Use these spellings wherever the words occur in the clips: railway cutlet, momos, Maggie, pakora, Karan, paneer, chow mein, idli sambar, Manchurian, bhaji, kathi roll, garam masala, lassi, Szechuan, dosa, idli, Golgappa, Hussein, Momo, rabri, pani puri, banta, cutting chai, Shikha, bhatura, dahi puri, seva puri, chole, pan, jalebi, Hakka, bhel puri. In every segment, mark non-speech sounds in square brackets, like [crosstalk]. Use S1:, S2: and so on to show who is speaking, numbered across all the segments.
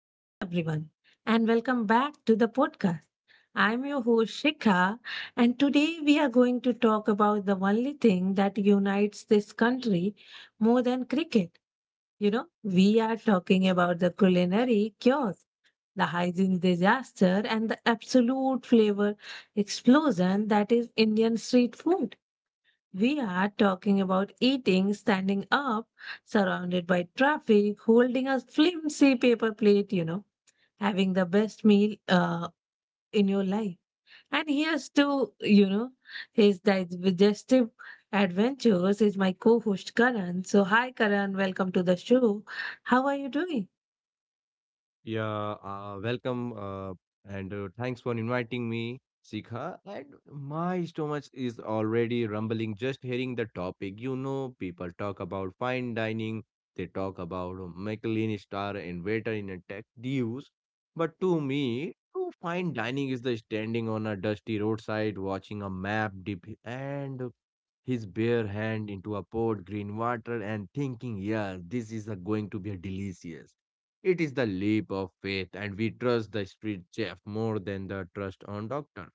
S1: Hello, everyone, and welcome back to the podcast. I'm your host, Shikha, and today we are going to talk about the only thing that unites this country more than cricket. You know, we are talking about the culinary chaos, the hygiene disaster, and the absolute flavor explosion that is Indian street food. We are talking about eating standing up, surrounded by traffic, holding a flimsy paper plate, you know, having the best meal in your life. And here's to, you know, his digestive adventures is my co-host Karan. So hi Karan, welcome to the show. How are you doing?
S2: Yeah, welcome and Thanks for inviting me, Sikha. And my stomach is already rumbling just hearing the topic. You know, people talk about fine dining, they talk about Michelin star and waiter in a tech dues. But to me, to fine dining is the standing on a dusty roadside watching a map dip and his bare hand into a pot green water and thinking, yeah, this is a going to be a delicious. It is the leap of faith, and we trust the street chef more than the trust on doctor.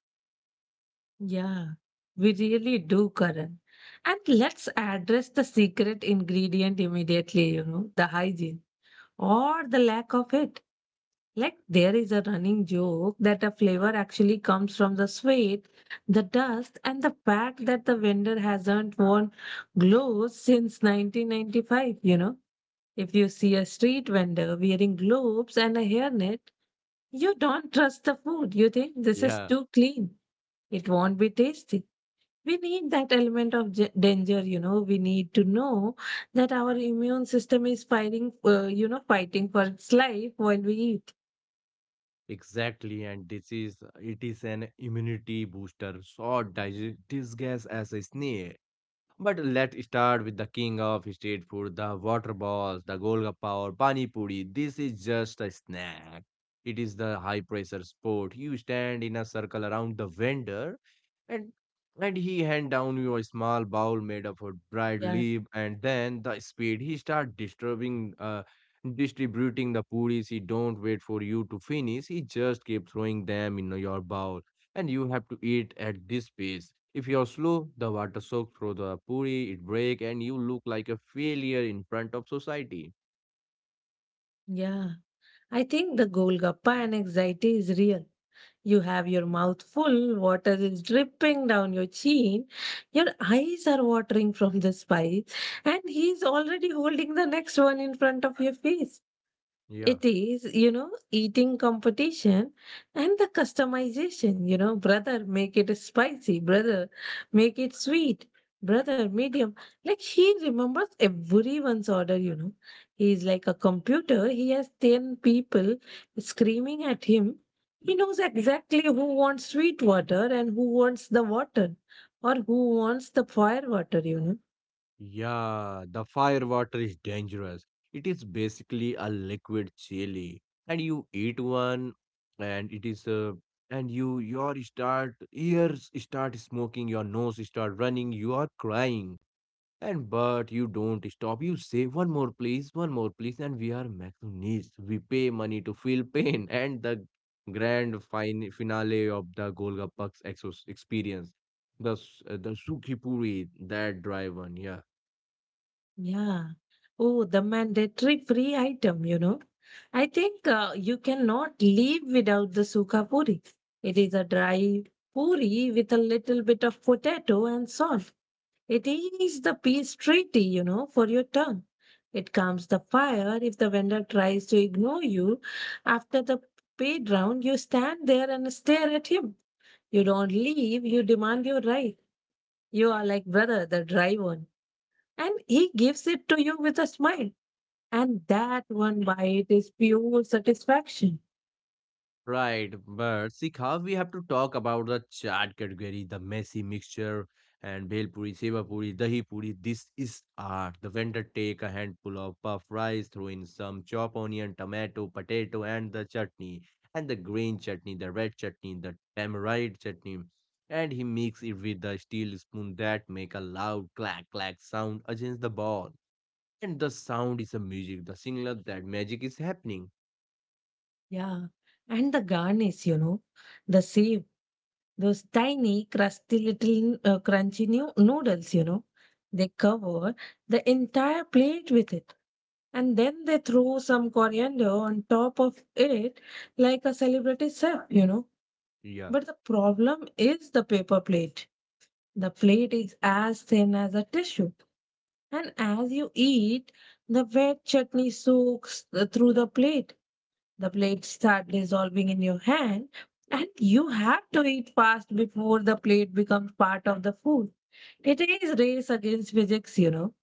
S1: Yeah, we really do, Karan. And let's address the secret ingredient immediately, you know, the hygiene or the lack of it. Like there is a running joke that a flavor actually comes from the sweat, the dust, and the fact that the vendor hasn't worn gloves since 1995. You know, if you see a street vendor wearing gloves and a hairnet, you don't trust the food. You think this is
S2: Yeah,
S1: too clean. It won't be tasty. We need that element of danger, you know. We need to know that our immune system is fighting, you know, fighting for its life while we eat.
S2: exactly. And this is it is an immunity booster, short disguised as a snake. But let's start with the king of street food, the water balls, the golgappa or pani puri. This is just a snack. It is the high pressure sport. You stand in a circle around the vendor and and he hand down you a small bowl made of a dried
S1: Yeah,
S2: leaf, and then the speed he start disturbing, distributing the puris. He don't wait for you to finish, he just keep throwing them in your bowl, and you have to eat at this pace. If you're slow, the water soaks through the puri, it breaks, and you look like a failure in front of society.
S1: yeah. I think the Golgappa and anxiety is real. You have your mouth full, water is dripping down your chin, your eyes are watering from the spice, and he's already holding the next one in front of your face.
S2: Yeah.
S1: It is, you know, eating competition and the customization, you know, brother, make it spicy, brother, make it sweet, brother, medium. Like he remembers everyone's order, you know. He's like a computer, he has 10 people screaming at him. He knows exactly who wants sweet water and who wants the water or who wants the fire water, you know.
S2: Yeah, the fire water is dangerous. It is basically a liquid chili, and you eat one, and it is and you your start ears start smoking, your nose start running, you are crying. And but you don't stop. You say one more please, and we are machines. We pay money to feel pain. [laughs] And the grand finale of the Golgappak's exos experience, the the Sukhi Puri, that dry one, yeah.
S1: Yeah. Oh, the mandatory free item, you know. I think you cannot leave without the sukha puri. It is a dry puri with a little bit of potato and salt. It is the peace treaty, you know, for your tongue. It calms the fire if the vendor tries to ignore you. After the paid round, you stand there and stare at him. You don't leave, you demand your right. You are like brother, the dry one. And he gives it to you with a smile. And that one bite is pure satisfaction.
S2: Right, but Sikha, we have to talk about the chaat category, the messy mixture, and bhel puri, seva puri, dahi puri. This is art. The vendor take a handful of puff rice, throw in some chopped onion, tomato, potato, and the chutney, and the green chutney, the red chutney, the tamarind chutney, and he mix it with the steel spoon that make a loud clack clack sound against the ball. And the sound is a music, the signal that magic is happening.
S1: Yeah. And the garnish, you know, the same. Those tiny, crusty little crunchy new noodles, you know, they cover the entire plate with it. And then they throw some coriander on top of it like a celebrity chef, you know.
S2: Yeah.
S1: But the problem is the paper plate. The plate is as thin as a tissue. And as you eat, the wet chutney soaks through the plate. The plates start dissolving in your hand, and you have to eat fast before the plate becomes part of the food. It is race against physics, you know.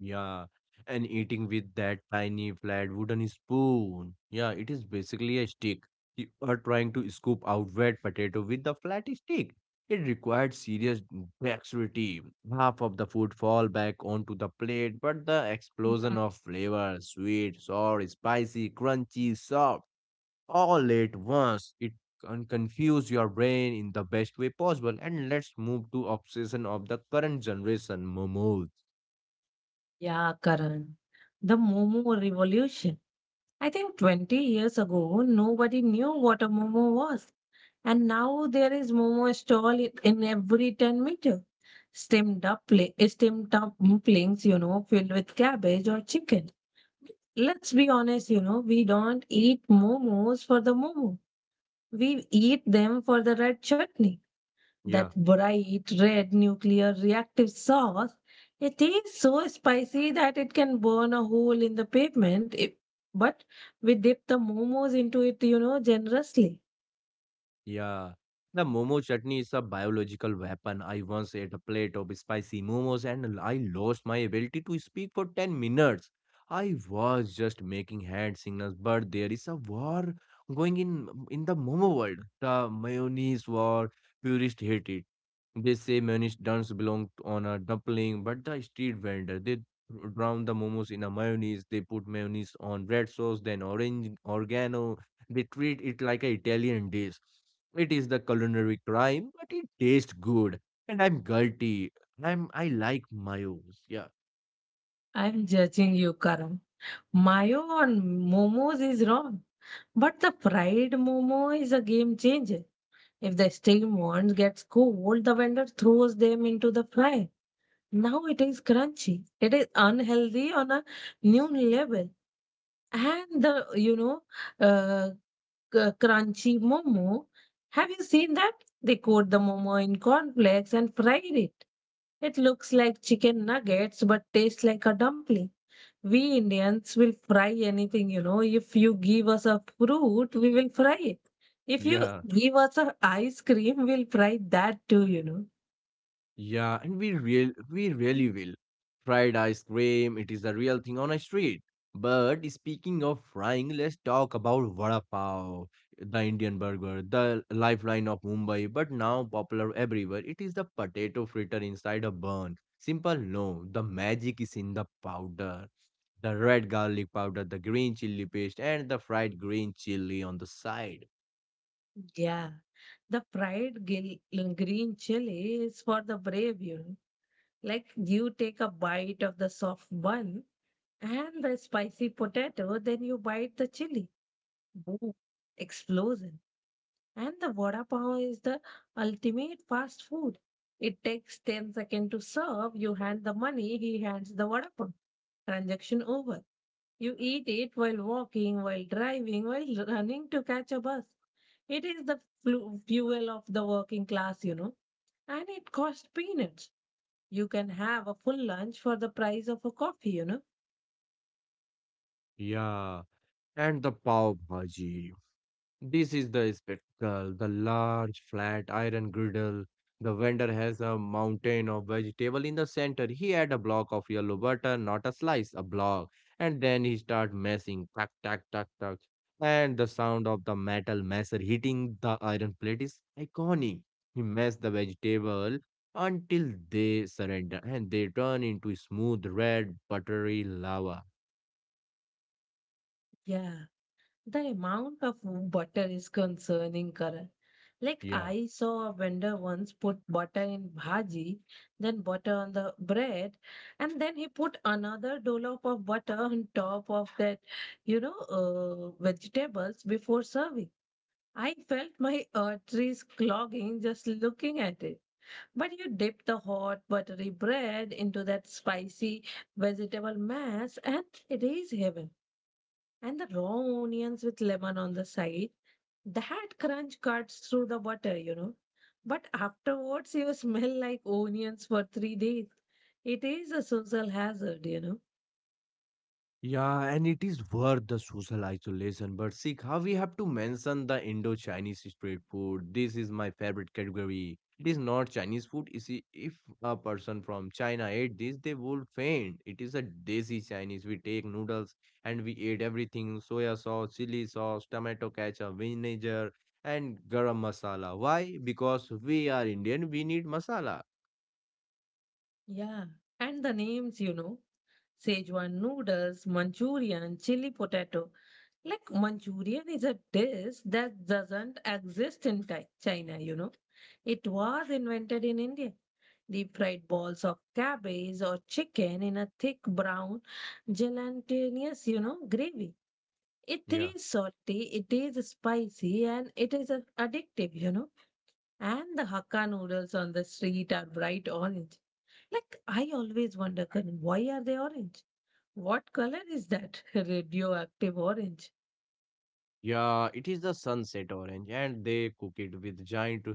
S2: Yeah, and eating with that tiny flat wooden spoon. Yeah, it is basically a stick. You are trying to scoop out wet potato with the flat stick. It required serious dexterity. Half of the food fall back onto the plate, but the explosion
S1: Hmm.
S2: of flavor, sweet, sour, spicy, crunchy, soft, all at once. It can confuse your brain in the best way possible. And let's move to obsession of the current generation, momos.
S1: Yeah, Karan. The Momo revolution. I think 20 years ago, nobody knew what a Momo was. And now there is Momo stall in every 10 meter. Steamed up, steamed up dumplings, you know, filled with cabbage or chicken. Let's be honest, you know, we don't eat momos for the momo. We eat them for the red chutney, that
S2: Yeah.
S1: bright red nuclear reactive sauce. It is so spicy that it can burn a hole in the pavement. If, but we dip the momos into it, you know, generously.
S2: Yeah. The momo chutney is a biological weapon. I once ate a plate of spicy momos and I lost my ability to speak for 10 minutes. I was just making hand signals, but there is a war going in the momo world. The mayonnaise war. Purists hate it. They say mayonnaise does not belong on a dumpling, but the street vendor they drown the momos in a mayonnaise. They put mayonnaise on red sauce, then orange oregano. They treat it like an Italian dish. It is the culinary crime, but it tastes good. And I'm guilty. I like mayos. Yeah.
S1: I'm judging you, Karan. Mayo on momos is wrong. But the fried momo is a game changer. If the steamed ones gets cold, the vendor throws them into the fryer. Now it is crunchy. It is unhealthy on a new level. And the, you know, uh, c- crunchy momo. Have you seen that? They coat the momo in cornflakes and fry it. It looks like chicken nuggets but tastes like a dumpling. We Indians will fry anything, you know. If you give us a fruit, we will fry it. If you
S2: Yeah.
S1: give us a ice cream, we'll fry that too, you know.
S2: And we really will. Fried ice cream, it is the real thing on a street. But speaking of frying, let's talk about vada pav, the Indian burger, the lifeline of Mumbai, but now popular everywhere. It is the potato fritter inside a bun. Simple, no. The magic is in the powder, the red garlic powder, the green chili paste, and the fried green chili on the side.
S1: Yeah, the fried green chili is for the brave, you know. Like you take a bite of the soft bun and the spicy potato, then you bite the chili. Boom. Explosion. And the vada pav is the ultimate fast food. It takes 10 seconds to serve. You hand the money, he hands the vada pav. Transaction over. You eat it while walking, while driving, while running to catch a bus. It is the fuel of the working class, you know. And it costs peanuts. You can have a full lunch for the price of a coffee, you know.
S2: Yeah, and the pav bhaji. This is the spectacle, the large flat iron griddle. The vendor has a mountain of vegetable in the center. He had a block of yellow butter, not a slice, a block. And then he start messing, tuck, tuck, tuck, tuck. And the sound of the metal messer hitting the iron plate is iconic. He mess the vegetable until they surrender and they turn into smooth red buttery lava.
S1: Yeah. The amount of butter is concerning, Karan. Like
S2: Yeah.
S1: I saw a vendor once put butter in bhaji, then butter on the bread, and then he put another dollop of butter on top of that, you know, vegetables before serving. I felt my arteries clogging just looking at it. When you dip the hot, buttery bread into that spicy vegetable mass, and it is heaven. And the raw onions with lemon on the side, that crunch cuts through the butter, you know. But afterwards, you smell like onions for 3 days. It is a social hazard, you know.
S2: Yeah, and it is worth the social isolation. But see, how we have to mention the Indo-Chinese street food. This is my favorite category. It is not Chinese food. You see, if a person from China ate this, they would faint. It is a desi Chinese. We take noodles and we eat everything: soya sauce, chili sauce, tomato ketchup, vinegar, and garam masala. Why? Because we are Indian. We need masala.
S1: Yeah. And the names, you know. Szechuan noodles, Manchurian, chili potato. Like Manchurian is a dish that doesn't exist in China, you know. It was invented in India. Deep fried balls of cabbage or chicken in a thick brown gelatinous, you know, gravy. It
S2: Yeah.
S1: is salty, it is spicy, and it is addictive, you know. And the Hakka noodles on the street are bright orange. Like I always wonder, Karan, why are they orange? What color is that? [laughs] Radioactive orange.
S2: Yeah, it is the sunset orange, and they cook it with giant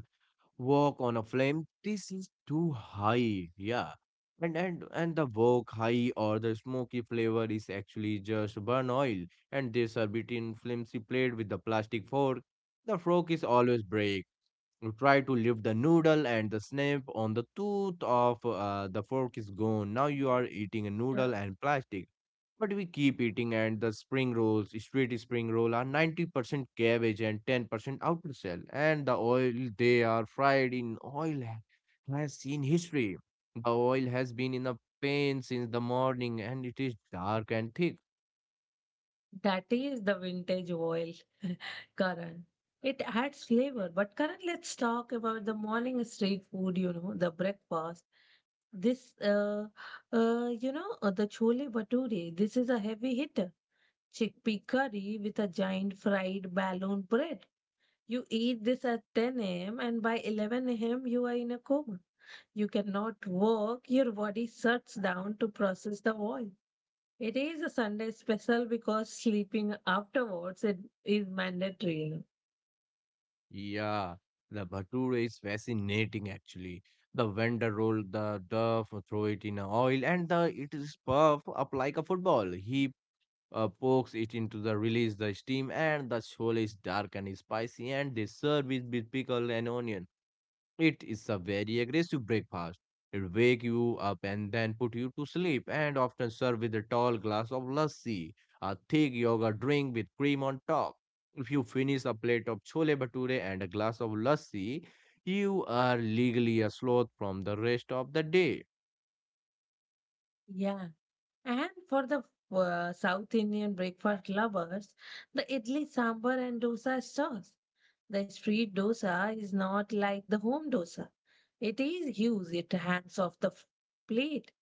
S2: Walk on a flame. This is too high. Yeah. And the wok high or the smoky flavor is actually just burn oil, and they serve it in flimsy plate with the plastic fork. The fork is always break. You try to lift the noodle and the snap on the tooth of the fork is gone. Now you are eating a
S1: Yeah.
S2: noodle and plastic. But we keep eating, and the spring rolls, street spring roll are 90% cabbage and 10% outer shell. And the oil they are fried in oil has seen history. The oil has been in a pan since the morning and it is dark and thick.
S1: That is the vintage oil, Karan. It adds flavor. But Karan, let's talk about the morning street food, you know, the breakfast. This, uh, the chole bhature, this is a heavy hitter. Chickpea curry with a giant fried balloon bread. You eat this at 10 a.m. and by 11 a.m. you are in a coma. You cannot work. Your body shuts down to process the oil. It is a Sunday special because sleeping afterwards it is mandatory, you know.
S2: Yeah, the bhatura is fascinating actually. The vendor roll the duff, throw it in a oil, and the it is puff up like a football. He pokes it into the release the steam, and the chole is dark and spicy, and they serve it with pickle and onion. It is a very aggressive breakfast. It wake you up and then put you to sleep, and often served with a tall glass of lassi, a thick yogurt drink with cream on top. If you finish a plate of chole bhature and a glass of lassi, you are legally a sloth from the rest of the day.
S1: Yeah. And for the South Indian breakfast lovers, the idli sambar and dosa is choice. The street dosa is not like the home dosa. It is huge. It hands off the plate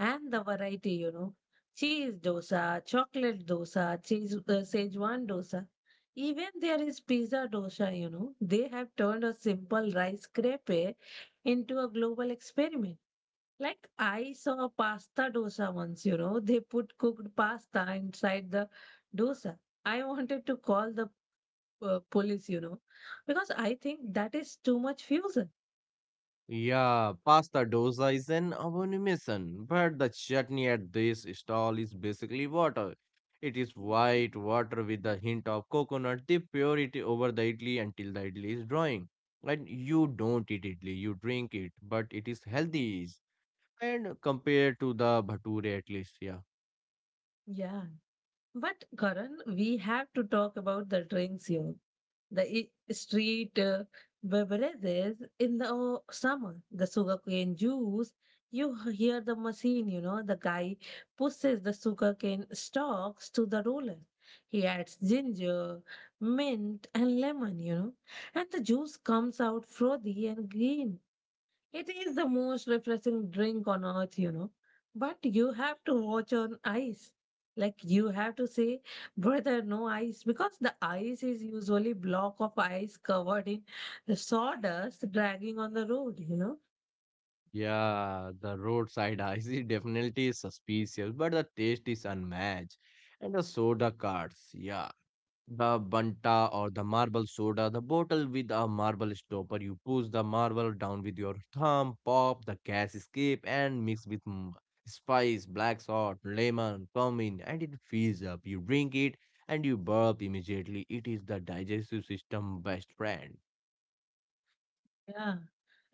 S1: and the variety, you know. Cheese dosa, chocolate dosa, cheese Szechuan dosa. Even there is pizza dosa, you know. They have turned a simple rice crepe into a global experiment. Like I saw a pasta dosa once, you know. They put cooked pasta inside the dosa. I wanted to call the police, you know, because I think that is too much fusion.
S2: Yeah, pasta dosa is an abomination, but the chutney at this stall is basically water. It is white water with a hint of coconut. They pour it over the idli until the idli is drying. And you don't eat idli, you drink it, but it is healthy. And compared to the bhature, at least, yeah.
S1: Yeah. But Karan, we have to talk about the drinks here. The street beverages in the summer, the sugarcane juice. You hear the machine, you know, the guy pushes the sugarcane stalks to the roller. He adds ginger, mint, and lemon, you know, and the juice comes out frothy and green. It is the most refreshing drink on earth, you know. But you have to watch on ice. Like you have to say, brother, no ice, because the ice is usually block of ice covered in sawdust dragging on the road, you know.
S2: Yeah, the roadside ice [laughs] is definitely suspicious, but the taste is unmatched. And the soda cards, yeah. The banta or the marble soda, the bottle with a marble stopper. You push the marble down with your thumb, pop the gas escape, and mix with spice, black salt, lemon, cumin, and it fills up. You drink it and you burp immediately. It is the digestive system best friend.
S1: Yeah,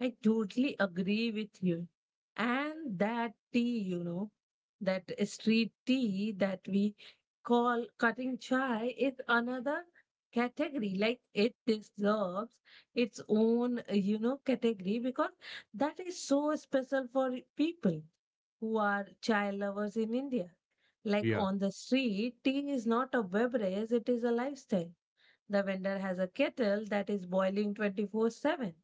S1: I totally agree with you. And that tea, you know, that street tea that we call cutting chai is another category. Like it deserves its own, you know, category because that is so special for people who are child lovers in India. Like
S2: Yeah,
S1: on the street, tea is not a beverage, it is a lifestyle. The vendor has a kettle that is boiling 24/7.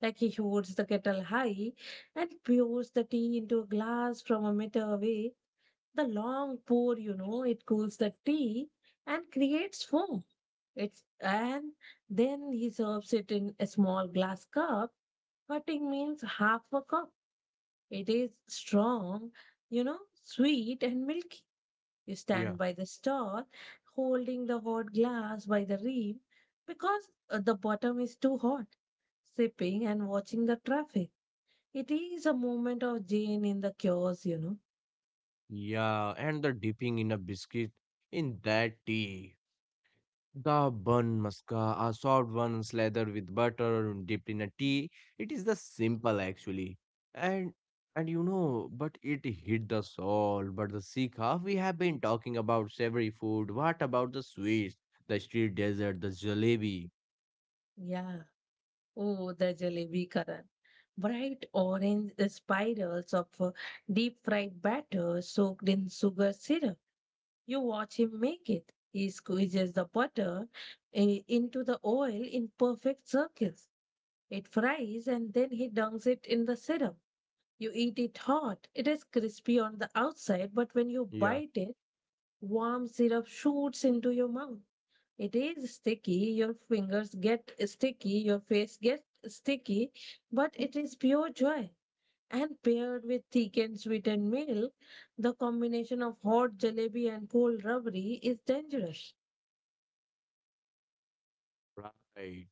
S1: Like he holds the kettle high and pours the tea into a glass from a meter away. The long pour, you know, it cools the tea and creates foam. It's and then he serves it in a small glass cup. Cutting means half a cup. It is strong, you know, sweet and milky. You
S2: yeah,
S1: stand by the stall, holding the hot glass by the rim because the bottom is too hot, sipping and watching the traffic. It is a moment of Jane in the chaos, you know.
S2: yeah. And the dipping in a biscuit in that tea. The bun muska, a soft one slathered with butter and dipped in a tea. It is the simple actually. And and you know, but it hit the soul. But the Sikha, we have been talking about savory food. What about the sweets? The street dessert, the jalebi.
S1: Yeah. Oh, the jalebi Karan. Bright orange spirals of deep fried batter soaked in sugar syrup. You watch him make it. He squeezes the butter into the oil in perfect circles. It fries and then he dunks it in the syrup. You eat it hot. It is crispy on the outside, but when you
S2: Yeah.
S1: bite it, warm syrup shoots into your mouth. It is sticky. Your fingers get sticky. Your face gets sticky, but it is pure joy and paired with thick and sweetened milk, the combination of hot jalebi and cold rabri is dangerous.
S2: Right.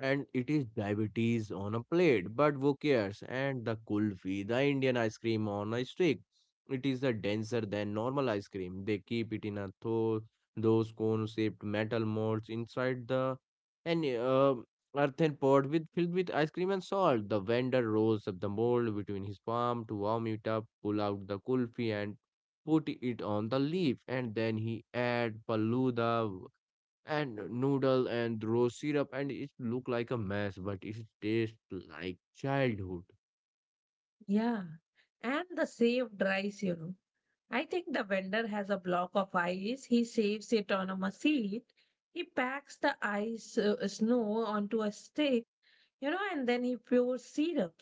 S2: And it is diabetes on a plate, but who cares? And the kulfi, the Indian ice cream on a stick. It is a denser than normal ice cream. They keep it in a those cone-shaped metal molds inside the an earthen pot with filled with ice cream and salt. The vendor rolls up the mold between his palm to warm it up, pull out the kulfi and put it on the leaf, and then he add paluda and noodle and rose syrup, and it look like a mess but it tastes like childhood.
S1: Yeah, and the saved rice, you know. I think the vendor has a block of ice. He saves it on a machine. He packs the ice snow onto a stick, you know, and then he pours syrup.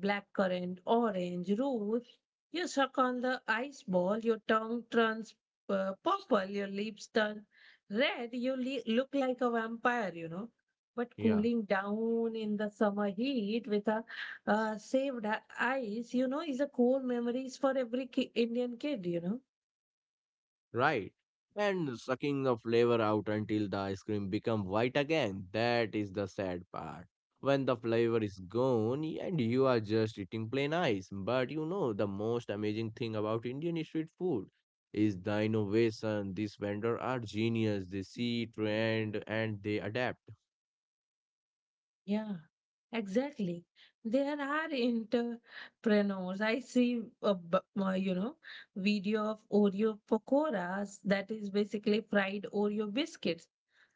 S1: Blackcurrant, orange, rose. You suck on the ice ball, your tongue turns purple, your lips turn red, you look like a vampire, you know. But
S2: Yeah,
S1: cooling down in the summer heat with a saved ice, you know, is a core memories for every Indian kid, you know.
S2: right, and sucking the flavor out until the ice cream become white again, that is the sad part. When the flavor is gone and you are just eating plain ice, but you know, the most amazing thing about Indian street food is the innovation. These vendors are genius, they see trend and they adapt.
S1: Yeah, exactly. There are entrepreneurs. I see, you know, video of Oreo pakoras that is basically fried Oreo biscuits.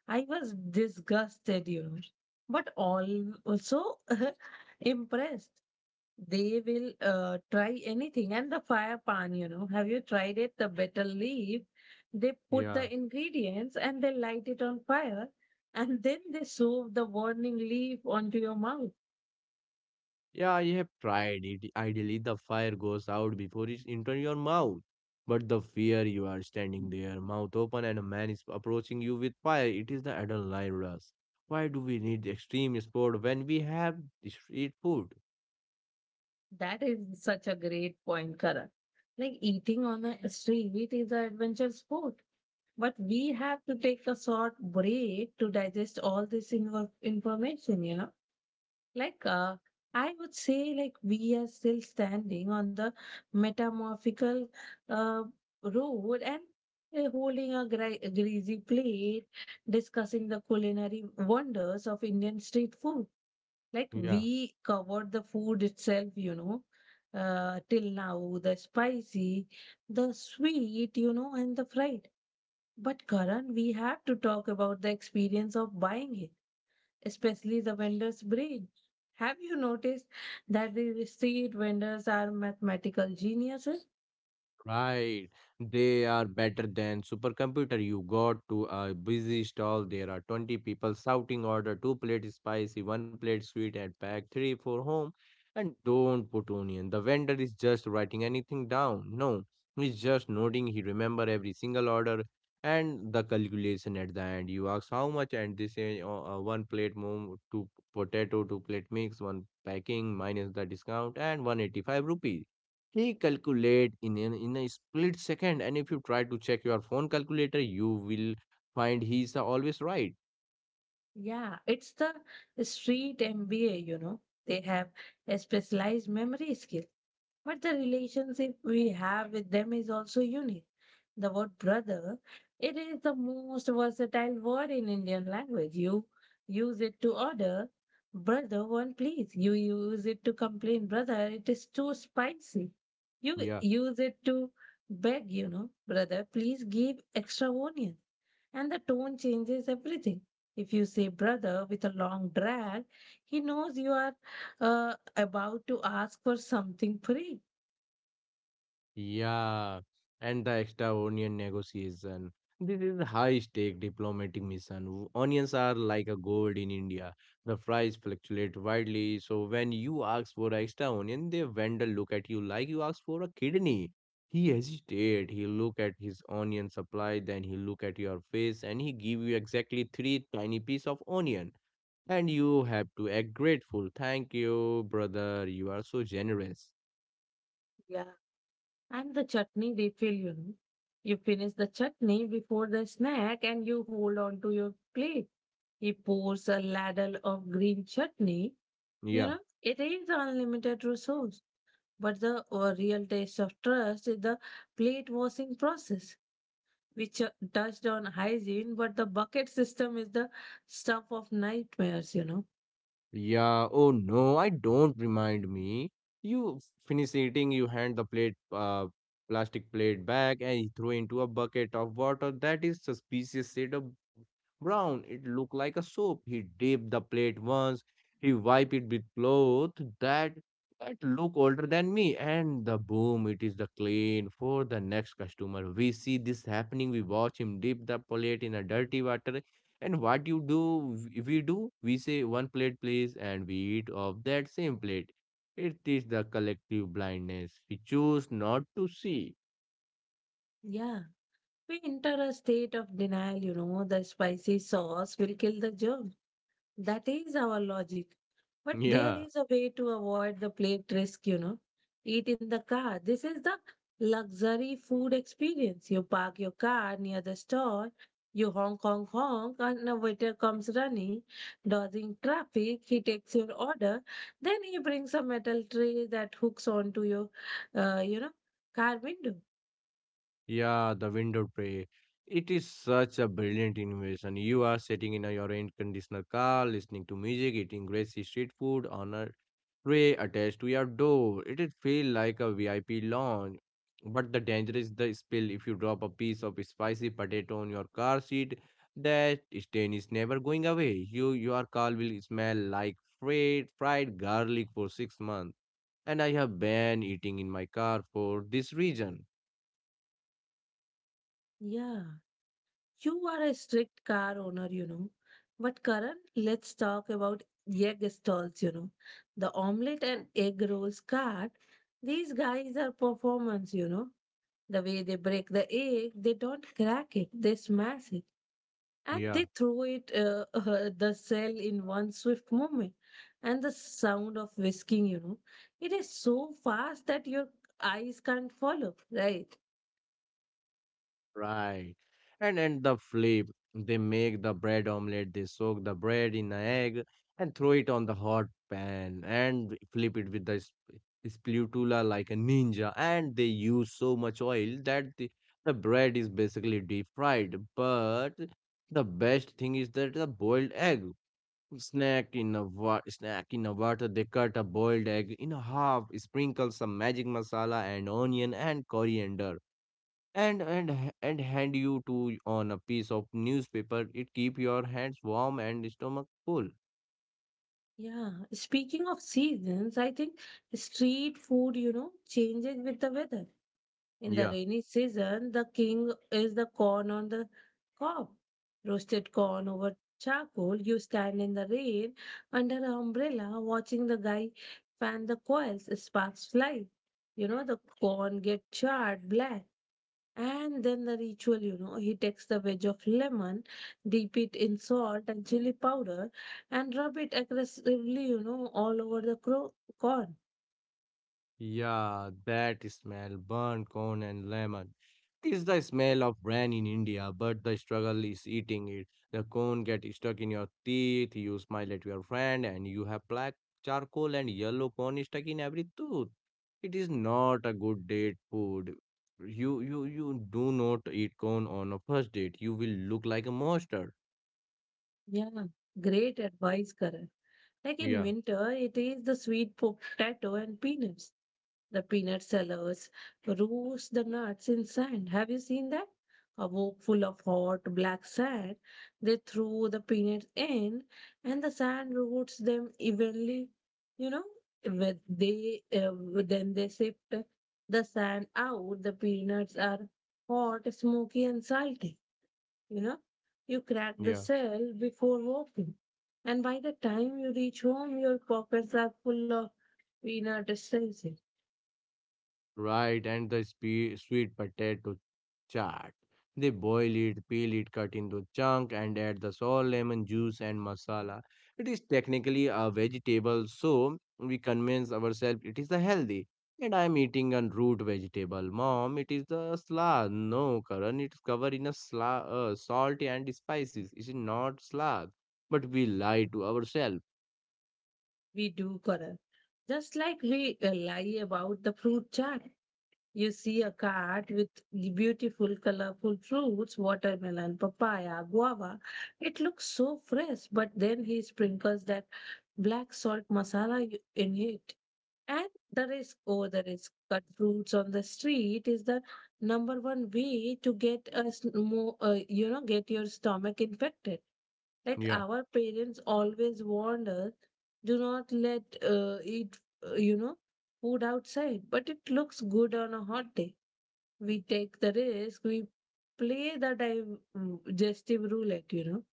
S1: I was disgusted, you know, but all also [laughs] impressed. They will try anything. And the fire pan, you know, have you tried it? The betel leaf, they put
S2: Yeah.
S1: the ingredients and they light it on fire, and then they shove the warning leaf onto your mouth.
S2: Yeah, I have tried it. Ideally, the fire goes out before it's into your mouth. But the fear, you are standing there, mouth open, and a man is approaching you with fire, it is the adrenaline rush. Why do we need extreme sport when we have the street food?
S1: That is such a great point, Karan. Like eating on a street is an adventure sport. But we have to take a short break to digest all this information, you know. Like, uh, I would say, like, we are still standing on the metamorphical uh, road and holding a greasy plate, discussing the culinary wonders of Indian street food. Like
S2: Yeah.
S1: we covered the food itself, you know, till now, the spicy, the sweet, you know, and the fried. But Karan, we have to talk about the experience of buying it, especially the vendor's brain. Have you noticed that the street vendors are mathematical geniuses?
S2: Right. They are better than supercomputer. You got to a busy stall. There are 20 people shouting order two plate spicy, one plate sweet and pack three for home. And don't put onion. The vendor is just writing anything down. No, he's just noting. He remember every single order, and the calculation at the end. You ask how much and they say one plate mom, two potato, two plate mix, one packing minus the discount and 185 rupees, recalculate in in a split second, and if you try to check your phone calculator you will find he's always right.
S1: Yeah, it's the street MBA, you know. They have a specialized memory skill. But the relationship we have with them is also unique. The word brother, it is the most versatile word in Indian language. You use it to order, brother, one please. You use it to complain, brother, it is too spicy. You
S2: Yeah.
S1: use it to beg, you know, brother, please give extra onion. And the tone changes everything. If you say brother with a long drag, he knows you are uh, about to ask for something free.
S2: Yeah, and the extra onion negotiation. This is a high-stake diplomatic mission. Onions are like a gold in India. The price fluctuates widely, so when you ask for extra onion, the vendor look at you like you ask for a kidney. He hesitate, he look at his onion supply, then he look at your face, and he give you exactly three tiny piece of onion. And you have to act grateful. Thank you, brother. You are so generous.
S1: Yeah. And the chutney refill, you know. You finish the chutney before the snack and you hold on to your plate. He pours a ladle of green chutney. You
S2: Yeah.
S1: know, it is unlimited resource. But the real taste of trust is the plate washing process, which touched on hygiene, but the bucket system is the stuff of nightmares, you know.
S2: Yeah, oh no, I don't remind me. You finish eating, you hand the plate, plastic plate back, and you throw into a bucket of water that is suspicious shade of brown. It looked like a soap. He dipped the plate once, he wiped it with cloth that that look older than me, and the boom, it is the clean for the next customer. We see this happening. We watch him dip the plate in a dirty water and what you do, we do, we say one plate please, and we eat of that same plate. It is the collective blindness. We choose not to see.
S1: Yeah. We enter a state of denial, you know, the spicy sauce will kill the germ. That is our logic.
S2: [laughs]
S1: But there
S2: Yeah,
S1: is a way to avoid the plate risk, you know. Eat in the car. This is the luxury food experience. You park your car near the store, you honk, honk, honk, and a waiter comes running, dodging traffic. He takes your order. Then he brings a metal tray that hooks onto your, you know, car window.
S2: yeah, the window tray. It is such a brilliant innovation. You are sitting in your air conditioner car, listening to music, eating greasy street food on a tray attached to your door. It would feel like a VIP lounge. But the danger is the spill. If you drop a piece of spicy potato on your car seat, that stain is never going away. Your car will smell like fried garlic for 6 months. And I have banned eating in my car for this reason.
S1: Yeah. You are a strict car owner, you know. But Karan, let's talk about egg stalls, you know. The omelette and egg rolls cart. These guys are performance, you know. The way they break the egg, they don't crack it, they smash it. And
S2: Yeah.
S1: they throw it, [laughs] the cell in one swift movement. And the sound of whisking, you know. It is so fast that your eyes can't follow, right?
S2: Right. And the flip, they make the bread omelette, they soak the bread in the egg and throw it on the hot pan and flip it with the spatula like a ninja. And they use so much oil that the bread is basically deep fried. But the best thing is that the boiled egg snack in a water. They cut a boiled egg in a half, sprinkle some magic masala and onion and coriander and and hand you to on a piece of newspaper. It keep your hands warm and stomach full.
S1: Yeah, speaking of seasons, I think street food, you know, changes with the weather. In the
S2: Yeah,
S1: rainy season, the king is the corn on the cob. Roasted corn over charcoal, you stand in the rain under an umbrella watching the guy fan the coils, sparks fly. You know, the corn get charred black and then the ritual, you know, he takes the wedge of lemon, dip it in salt and chili powder, and rub it aggressively, you know, all over the corn.
S2: yeah, that smell burnt corn and lemon. It is the smell of rain in India, but the struggle is eating it. The corn get stuck in your teeth, you smile at your friend and you have black charcoal and yellow corn stuck in every tooth. It is not a good date food. You do not eat corn on a first date. You will look like a monster.
S1: Yeah, great advice, Karan. Like in
S2: Yeah,
S1: winter, it is the sweet potato and peanuts. The peanut sellers roast the nuts in sand. Have you seen that? A wok full of hot black sand. They throw the peanuts in and the sand roasts them evenly. You know, with they then they sift the sand out. The peanuts are hot, smoky, and salty. You know, you crack the
S2: yeah,
S1: cell before walking, and by the time you reach home, your pockets are full of peanut essence.
S2: right. And the spe sweet potato chaat. They boil it, peel it, cut into chunk, and add the salt, lemon juice, and masala. It is technically a vegetable, so we convince ourselves it is a healthy. And I am eating a root vegetable, mom. It is the slaw. No, Karan, it's covered in a slaw, salt and spices. It is not slaw, but we lie to ourselves.
S1: We do, Karan. Just like we lie about the fruit chart. You see a cart with beautiful, colorful fruits, watermelon, papaya, guava. It looks so fresh, but then he sprinkles that black salt masala in it. And the risk, oh, the risk, cut fruits on the street is the number one way to get us more, you know, get your stomach infected like
S2: Yeah.
S1: our parents always warned us. Do not let eat you know food outside, but it looks good on a hot day. We take the risk. We play the digestive roulette, you know.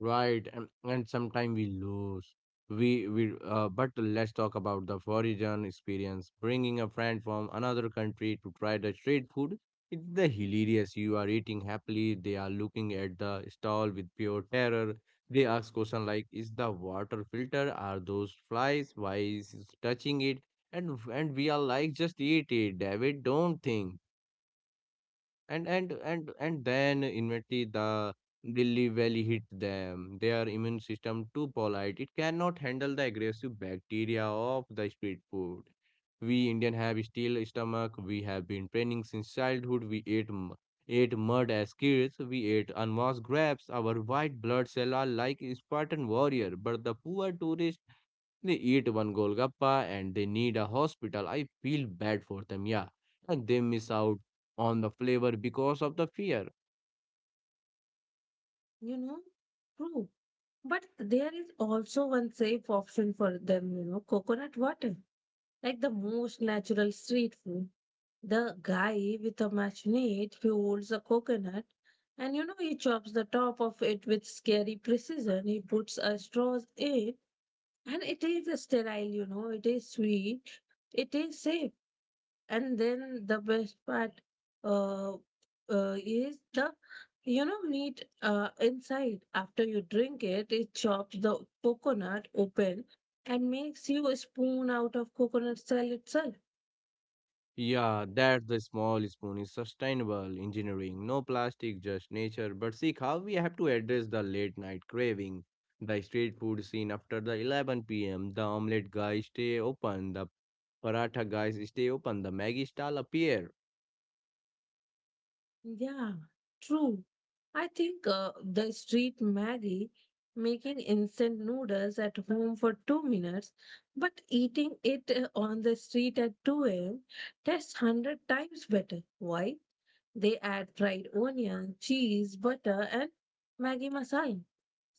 S2: Right, and sometimes we lose. We But let's talk about the foreign experience. Bringing a friend from another country to try the street food, it's the hilarious. You are eating happily. They are looking at the stall with pure terror. They ask question like, "Is the water filter? Are those flies? Why is it touching it?" And we are like, "Just eat it, David. Don't think." And then eventually the Delhi Valley hit them. Their immune system too polite. It cannot handle the aggressive bacteria of the street food. We Indian have steel stomach. We have been training since childhood. Ate mud as kids. We ate unwashed grapes. Our white blood cells are like Spartan warrior. But the poor tourist, they eat one Golgappa and they need a hospital. I feel bad for them, yeah. And they miss out on the flavor because of the fear.
S1: You know, true. But there is also one safe option for them, you know, coconut water, like the most natural street food. The guy with a machinate, he holds a coconut and you know he chops the top of it with scary precision. He puts a straws in and it is sterile, you know, it is sweet, it is safe, and then the best part uh, is the, you know, meat inside. After you drink it, it chops the coconut open and makes you a spoon out of coconut shell itself.
S2: Yeah, that the small spoon is sustainable engineering. No plastic, just nature. But see how we have to address the late night craving. The street food scene after the 11 pm. The omelette guys stay open. The paratha guys stay open. The Maggie stall appear.
S1: Yeah, true. I think the street maggie, making instant noodles at home for 2 minutes, but eating it on the street at 2 a.m. tastes 100 times better. Why? They add fried onion, cheese, butter, and Maggi masala.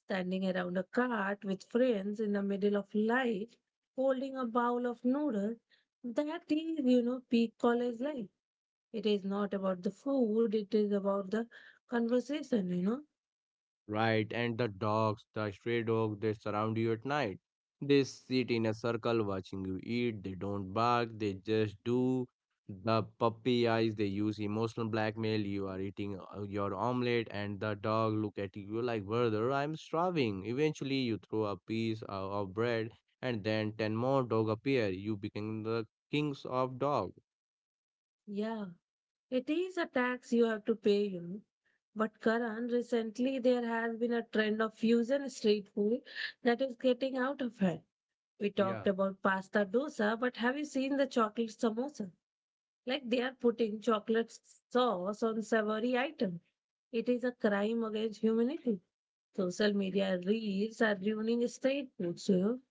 S1: Standing around a cart with friends in the middle of light, holding a bowl of noodles, that is, you know, peak college life. It is not about the food, it is about the conversation, you know.
S2: Right, and the dogs, the stray dog, they surround you at night. They sit in a circle watching you eat. They don't bark, they just do. The puppy eyes, they use emotional blackmail. You are eating your omelette, and the dog look at you like, brother, I'm starving. Eventually, you throw a piece of bread, and then 10 more dog appear. You become the kings of dog.
S1: Yeah, it is a tax you have to pay, you know. But Karan, recently there has been a trend of fusion street food that is getting out of hand. We
S2: Yeah.
S1: talked about pasta dosa, but have you seen the chocolate samosa? Like they are putting chocolate sauce on savory item. It is a crime against humanity. Social media reels are ruining street food. You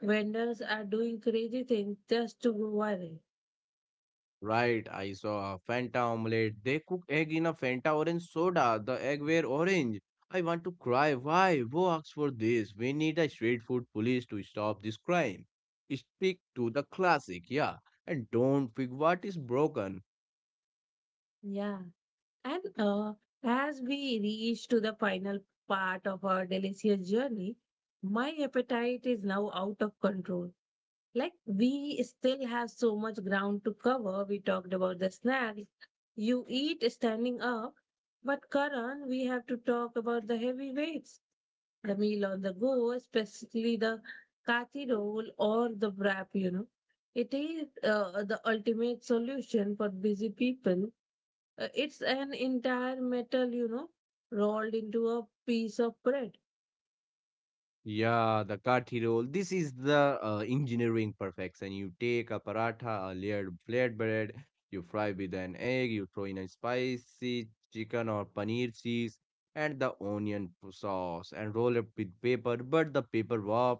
S1: vendors are doing crazy things just to go viral.
S2: Right, I saw a Fanta omelette. They cook egg in a Fanta orange soda. The egg were orange. I want to cry. Why? Who asked for this? We need a street food police to stop this crime. Stick to the classic, yeah, and don't fix what is broken.
S1: Yeah. And as we reach to the final part of our delicious journey, my appetite is now out of control. Like we still have so much ground to cover. We talked about the snacks you eat standing up, but Karan, we have to talk about the heavy weights, the meal on the go, especially the kathi roll or the wrap. You know, it is the ultimate solution for busy people. It's an entire metal, you know, rolled into a piece of bread.
S2: Yeah, the kathi roll. This is the engineering perfection. You take a paratha, a layered flatbread, you fry with an egg, you throw in a spicy chicken or paneer cheese and the onion sauce and roll it with paper. But the paper wrap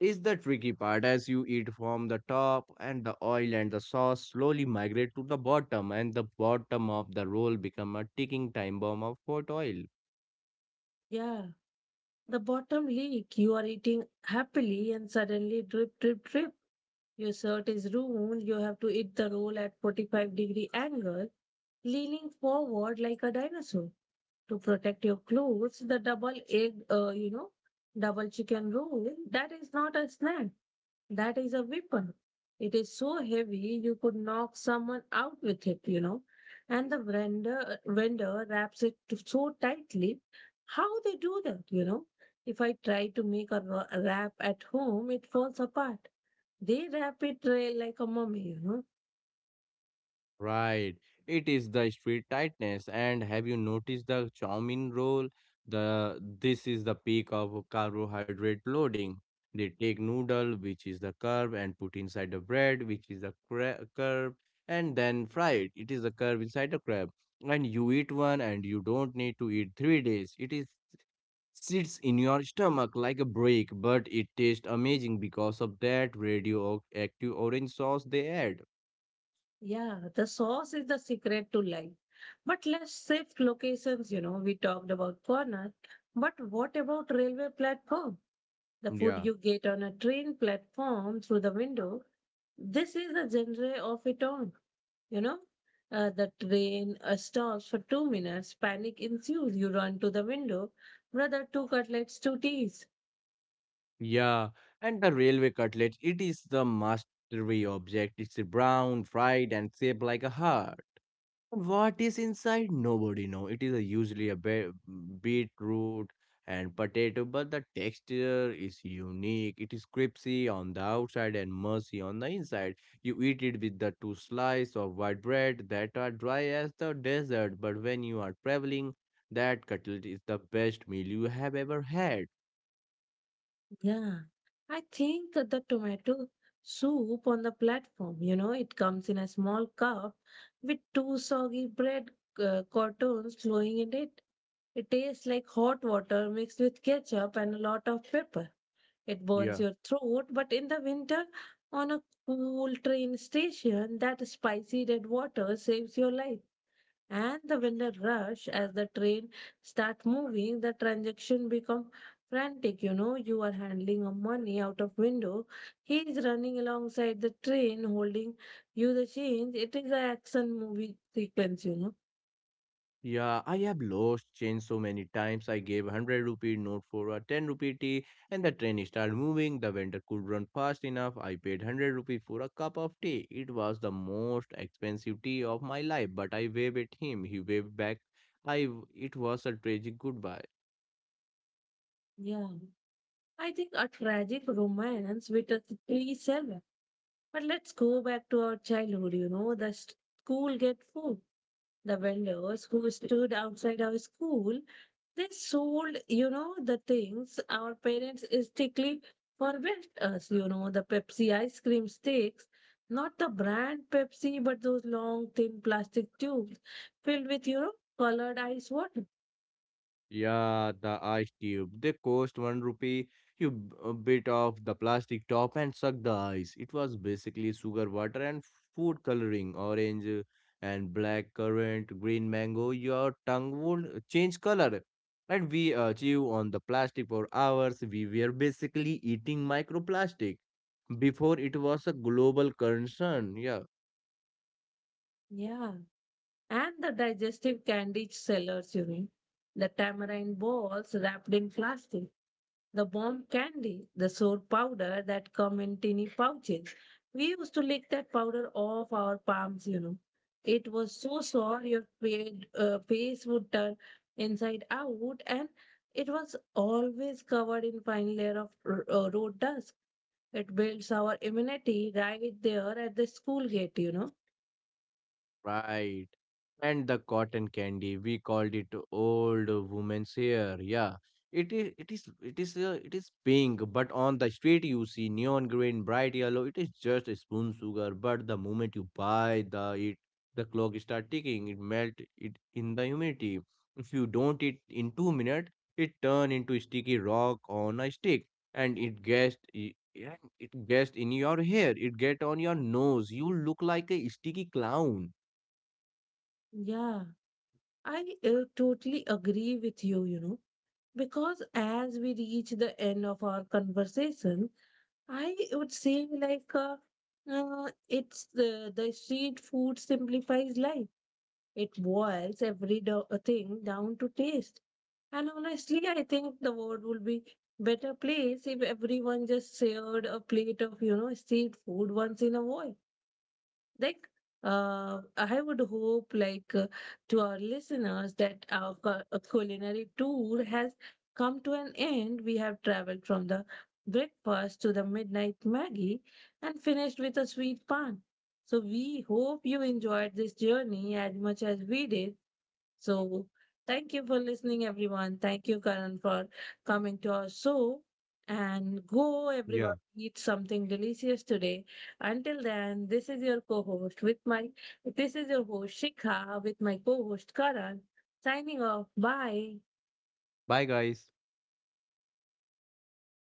S2: is the tricky part as you eat from the top and the oil and the sauce slowly migrate to the bottom and the bottom of the roll become a ticking time bomb of hot oil.
S1: Yeah. The bottom leak, you are eating happily and suddenly drip, drip, drip. Your shirt is ruined. You have to eat the roll at 45-degree angle, leaning forward like a dinosaur to protect your clothes. The double egg, you know, double chicken roll, that is not a snack. That is a weapon. It is so heavy you could knock someone out with it, you know. And the vendor wraps it so tightly. How they do that, you know? If I try to make a wrap at home, it falls apart. They wrap it trail like a mummy, you know.
S2: Right. It is the street tightness. And have you noticed the chow mein roll? The This is the peak of carbohydrate loading. They take noodle, which is the carb, and put inside the bread, which is the carb, and then fry it. It is the carb inside the crab. And you eat one, and you don't need to eat 3 days. It is sits in your stomach like a break, but it tastes amazing because of that radioactive orange sauce they add.
S1: Yeah, the sauce is the secret to life. But let's shift locations, you know. We talked about corner, but what about railway platform? The food
S2: Yeah.
S1: you get on a train platform through the window. This is the genre of it all, you know. The train stops for 2 minutes. Panic ensues. You run to the window. Brother, two cutlets, two teas.
S2: Yeah, and the railway cutlet, it is the mastery object. It's brown, fried, and shaped like a heart. But what is inside? Nobody know. It is a usually a beetroot and potato, but the texture is unique. It is crispy on the outside and mushy on the inside. You eat it with the two slices of white bread that are dry as the desert. But when you are traveling, that cutlet is the best meal you have ever had.
S1: Yeah, I think the tomato soup on the platform, you know, it comes in a small cup with two soggy bread cartons flowing in it. It tastes like hot water mixed with ketchup and a lot of pepper. It burns
S2: Yeah.
S1: your throat, but in the winter, on a cool train station, that spicy red water saves your life. And the vendor rush. As the train start moving, the transaction become frantic, you know. You are handling a money out of window, he is running alongside the train, holding you the change. It is a action movie sequence, you know.
S2: Yeah, I have lost change so many times. I gave 100 rupee note for a 10 rupee tea and the train started moving. The vendor could run fast enough. I paid 100 rupee for a cup of tea. It was the most expensive tea of my life, but I waved at him. He waved back. It was a tragic goodbye.
S1: Yeah. I think a tragic romance with a silly seller. But let's go back to our childhood, you know, the school get full. The vendors who stood outside our school, they sold, you know, the things our parents strictly forbade us, you know, the Pepsi ice cream sticks, not the brand Pepsi, but those long, thin plastic tubes filled with, you know, colored ice water.
S2: Yeah, the ice tube. They cost one rupee. Bit off the plastic top and suck the ice. It was basically sugar water and food coloring, orange and black currant, green mango. Your tongue would change color. And we chew on the plastic for hours. We were basically eating microplastic before it was a global concern. Yeah.
S1: Yeah. And the digestive candy sellers, you know, the tamarind balls wrapped in plastic, the bomb candy, the soap powder that come in tiny pouches. We used to lick that powder off our palms, you know. It was so sore your face would turn inside out, and it was always covered in fine layer of road dust. It builds our immunity right there at the school gate, you know.
S2: Right. And the cotton candy, we called it old woman's hair. Yeah. It is it is it is it is pink, but on the street you see neon green, bright yellow. It is just a spoon sugar, but the moment you buy the it the clock start ticking, it melt it in the humidity. If you don't eat in 2 minutes, it turn into sticky rock on a stick and it gets in your hair, it get on your nose. You look like a sticky clown.
S1: Yeah. I totally agree with you, you know, because as we reach the end of our conversation, I would say it's the street food simplifies life. It boils every thing down to taste. And honestly, I think the world would be better place if everyone just shared a plate of, you know, street food once in a while. Like, I would hope, to our listeners, that our culinary tour has come to an end. We have traveled from the breakfast to the midnight Maggie and finished with a sweet pan. So, we hope you enjoyed this journey as much as we did. So thank you for listening, everyone. Thank you, Karan, for coming to our show. And go,
S2: Yeah.
S1: everyone, eat something delicious today. Until then, this is your host Shikha with my co-host Karan. Signing off. Bye.
S2: Bye, guys.